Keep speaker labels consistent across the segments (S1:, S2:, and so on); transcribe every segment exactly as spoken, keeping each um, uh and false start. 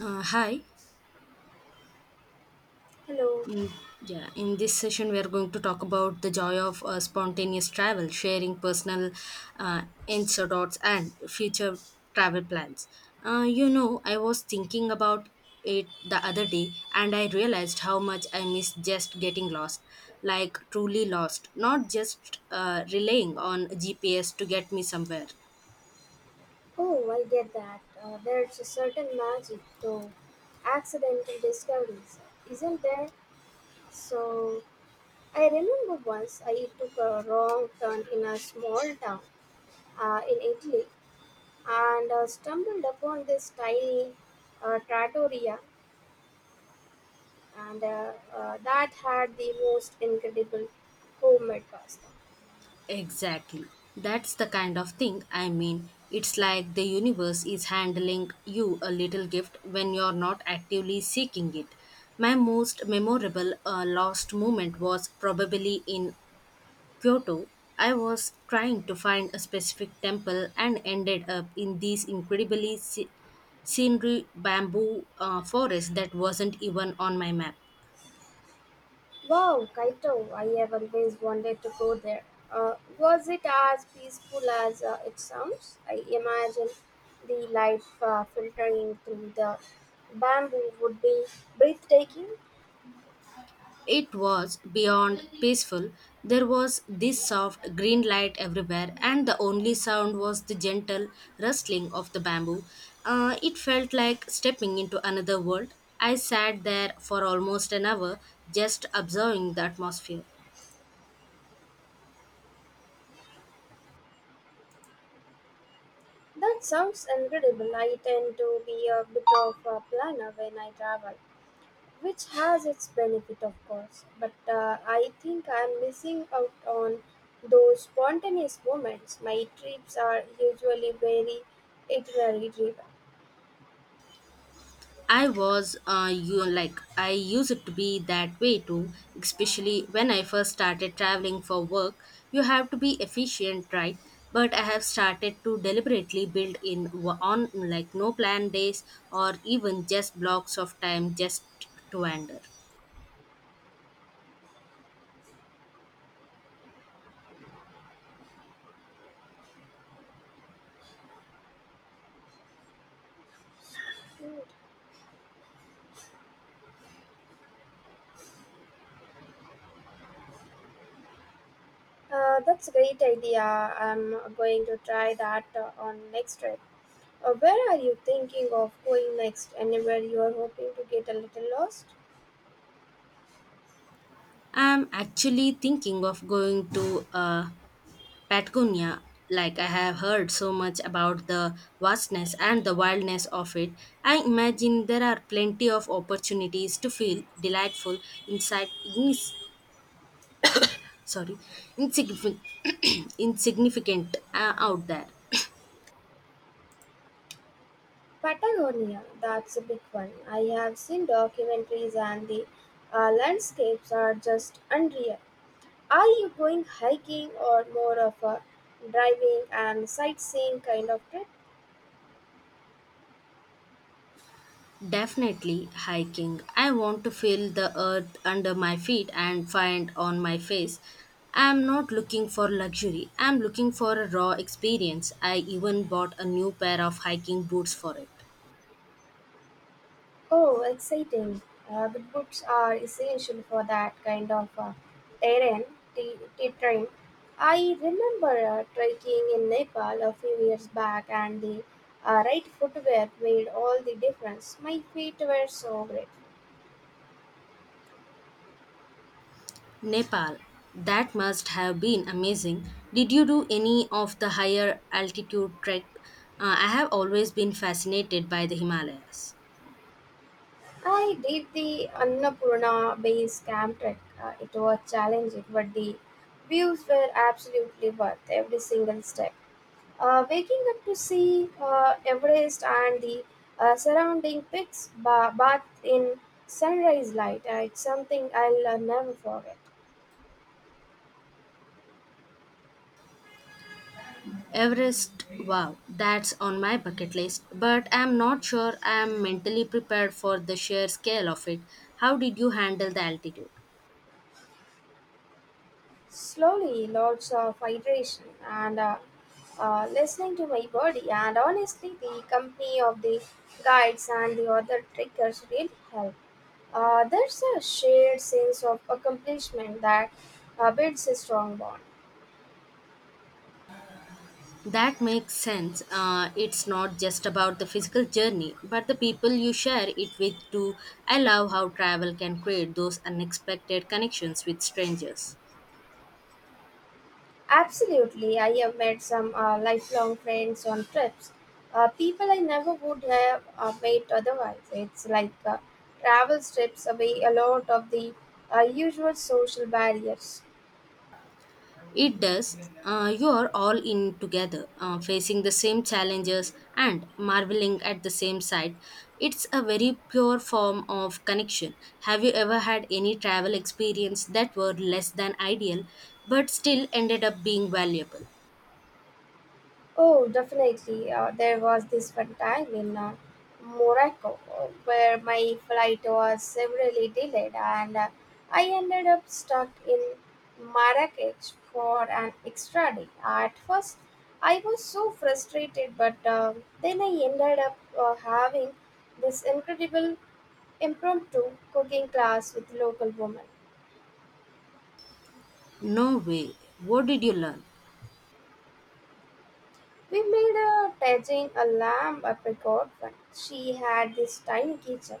S1: Uh, hi.
S2: Hello.
S1: In, yeah, in this session, we are going to talk about the joy of uh, spontaneous travel, sharing personal uh, anecdotes, and future travel plans. Uh, you know, I was thinking about it the other day, and I realized how much I miss just getting lost, like truly lost, not just uh, relying on G P S to get me somewhere.
S2: Oh, I get that. Uh, there's a certain magic to accidental discoveries, isn't there? So, I remember once I took a wrong turn in a small town uh, in Italy and uh, stumbled upon this tiny uh, trattoria and uh, uh, that had the most incredible homemade pasta.
S1: Exactly. That's the kind of thing I mean. It's like the universe is handling you a little gift when you're not actively seeking it. My most memorable uh, lost moment was probably in Kyoto. I was trying to find a specific temple and ended up in these incredibly sce- scenery bamboo uh, forest that wasn't even on my map.
S2: Wow, Kaito, I have always wanted to go there. Uh, was it as peaceful as uh, it sounds? I imagine the light uh, filtering through the bamboo would be breathtaking.
S1: It was beyond peaceful. There was this soft green light everywhere, and the only sound was the gentle rustling of the bamboo. Uh, it felt like stepping into another world. I sat there for almost an hour, just observing the atmosphere.
S2: That sounds incredible. I tend to be a bit of a planner when I travel, which has its benefit, of course. But uh, I think I'm missing out on those spontaneous moments. My trips are usually very itinerary driven.
S1: I was uh, you like I used to be that way too, especially when I first started traveling for work. You have to be efficient, right? But I have started to deliberately build in w- on like no plan days or even just blocks of time just to wander.
S2: Uh, that's a great idea. I'm going to try that uh, on next trip. Uh, where are you thinking of going next? Anywhere you are hoping to get a little lost?
S1: I'm actually thinking of going to a Patagonia, like I have heard so much about the vastness and the wildness of it. I imagine there are plenty of opportunities to feel delightful inside ignis sorry insignificant insignificant uh, out there.
S2: Patagonia, that's a big one. I have seen documentaries and the uh, landscapes are just unreal. Are you going hiking or more of a driving and sightseeing kind of trip?
S1: Definitely hiking. I want to feel the earth under my feet and find on my face. I'm not looking for luxury. I'm looking for a raw experience. I even bought a new pair of hiking boots for it.
S2: Oh, exciting. Uh, good books are essential for that kind of uh, terrain, t- terrain. I remember uh, trekking in Nepal a few years back and the uh, right footwear made all the difference. My feet were so great.
S1: Nepal. That must have been amazing. Did you do any of the higher altitude trek? Uh, I have always been fascinated by the Himalayas.
S2: I did the Annapurna base camp trek. Uh, it was challenging, but the views were absolutely worth every single step. Uh, waking up to see uh, Everest and the uh, surrounding peaks ba- bathed in sunrise light, uh, it's something I'll uh, never forget.
S1: Everest, wow, that's on my bucket list, but I'm not sure I'm mentally prepared for the sheer scale of it. How did you handle the altitude?
S2: Slowly, lots of hydration and, uh, uh, listening to my body, and honestly, the company of the guides and the other trekkers really helped. Uh, there's a shared sense of accomplishment that uh, builds a strong bond.
S1: That makes sense. Uh, it's not just about the physical journey, but the people you share it with too. I love how travel can create those unexpected connections with strangers.
S2: Absolutely, I have made some uh, lifelong friends on trips. Uh, people I never would have uh, met otherwise. It's like uh, travel strips away a lot of the uh, usual social barriers.
S1: It does. Uh, you are all in together, uh, facing the same challenges and marveling at the same sight. It's a very pure form of connection. Have you ever had any travel experience that were less than ideal, but still ended up being valuable?
S2: Oh, definitely. Uh, there was this one time in uh, Morocco uh, where my flight was severely delayed and uh, I ended up stuck in Marrakech for an extra day. At first, I was so frustrated, but uh, then I ended up uh, having this incredible impromptu cooking class with local women.
S1: No way. What did you learn?
S2: We made a tajin, a lamb, a picot one. She had this tiny kitchen,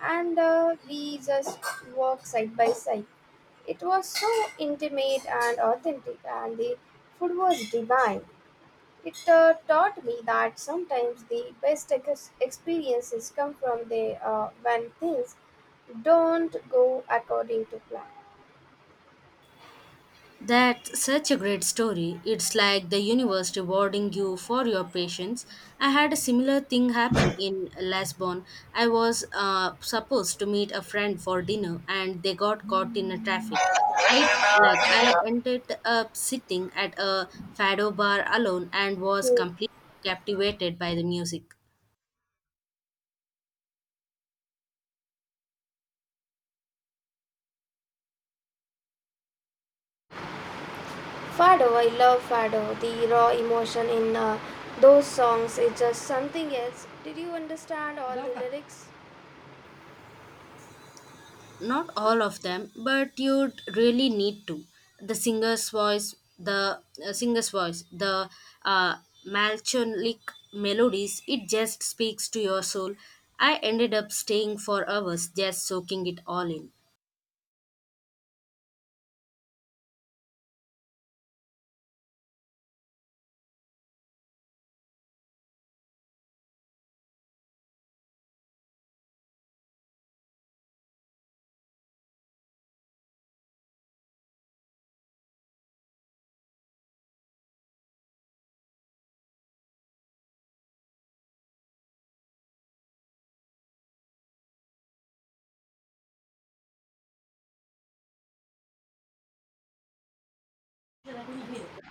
S2: and uh, we just walked side by side. It was so intimate and authentic, and the food was divine. It uh, taught me that sometimes the best ex- experiences come from the uh, when things don't go according to plan.
S1: That's such a great story. It's like the universe rewarding you for your patience. I had a similar thing happen in Lisbon. I was uh, supposed to meet a friend for dinner and they got caught in a traffic. I like I ended up sitting at a fado bar alone and was completely captivated by the music.
S2: Fado, I love Fado. The raw emotion in uh, those songs is just something else. Did you understand all the lyrics?
S1: Not all of them, but you'd really need to. The singer's voice, the uh, singer's voice, the uh, melancholic melodies, it just speaks to your soul. I ended up staying for hours just soaking it all in.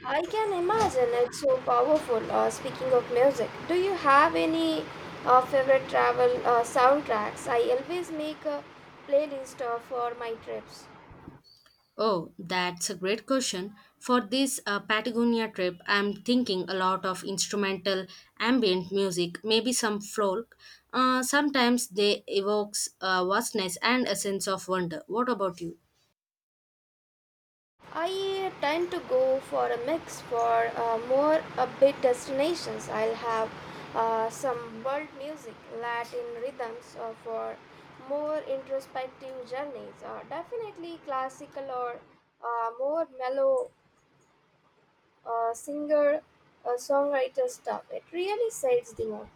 S2: I can imagine it's so powerful. Uh, speaking of music, do you have any uh, favorite travel uh, soundtracks? I always make a playlist uh, for my trips.
S1: Oh, that's a great question. For this uh, Patagonia trip, I'm thinking a lot of instrumental ambient music, maybe some folk. Uh, sometimes they evokes uh, vastness and a sense of wonder. What about you?
S2: I uh, tend to go for a mix for uh, more upbeat destinations. I'll have uh, some world music, Latin rhythms uh, for more introspective journeys. Uh, definitely classical or uh, more mellow uh, singer uh, songwriter stuff. It really sets the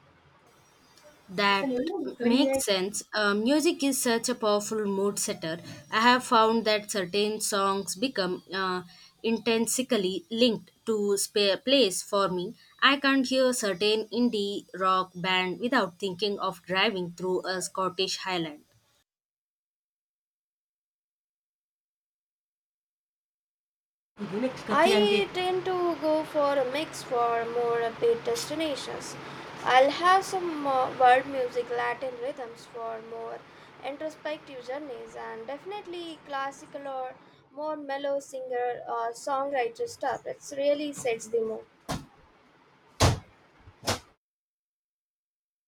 S1: That
S2: mood.
S1: makes sense. Uh, music is such a powerful mood setter. I have found that certain songs become uh, intrinsically linked to spa place for me. I can't hear certain indie rock band without thinking of driving through a Scottish highland.
S2: I Yes, tend to go for a mix for more upbeat destinations. I'll have some uh, world music, Latin rhythms for more introspective journeys, and definitely classical or more mellow singer or songwriter stuff. It really sets the mood.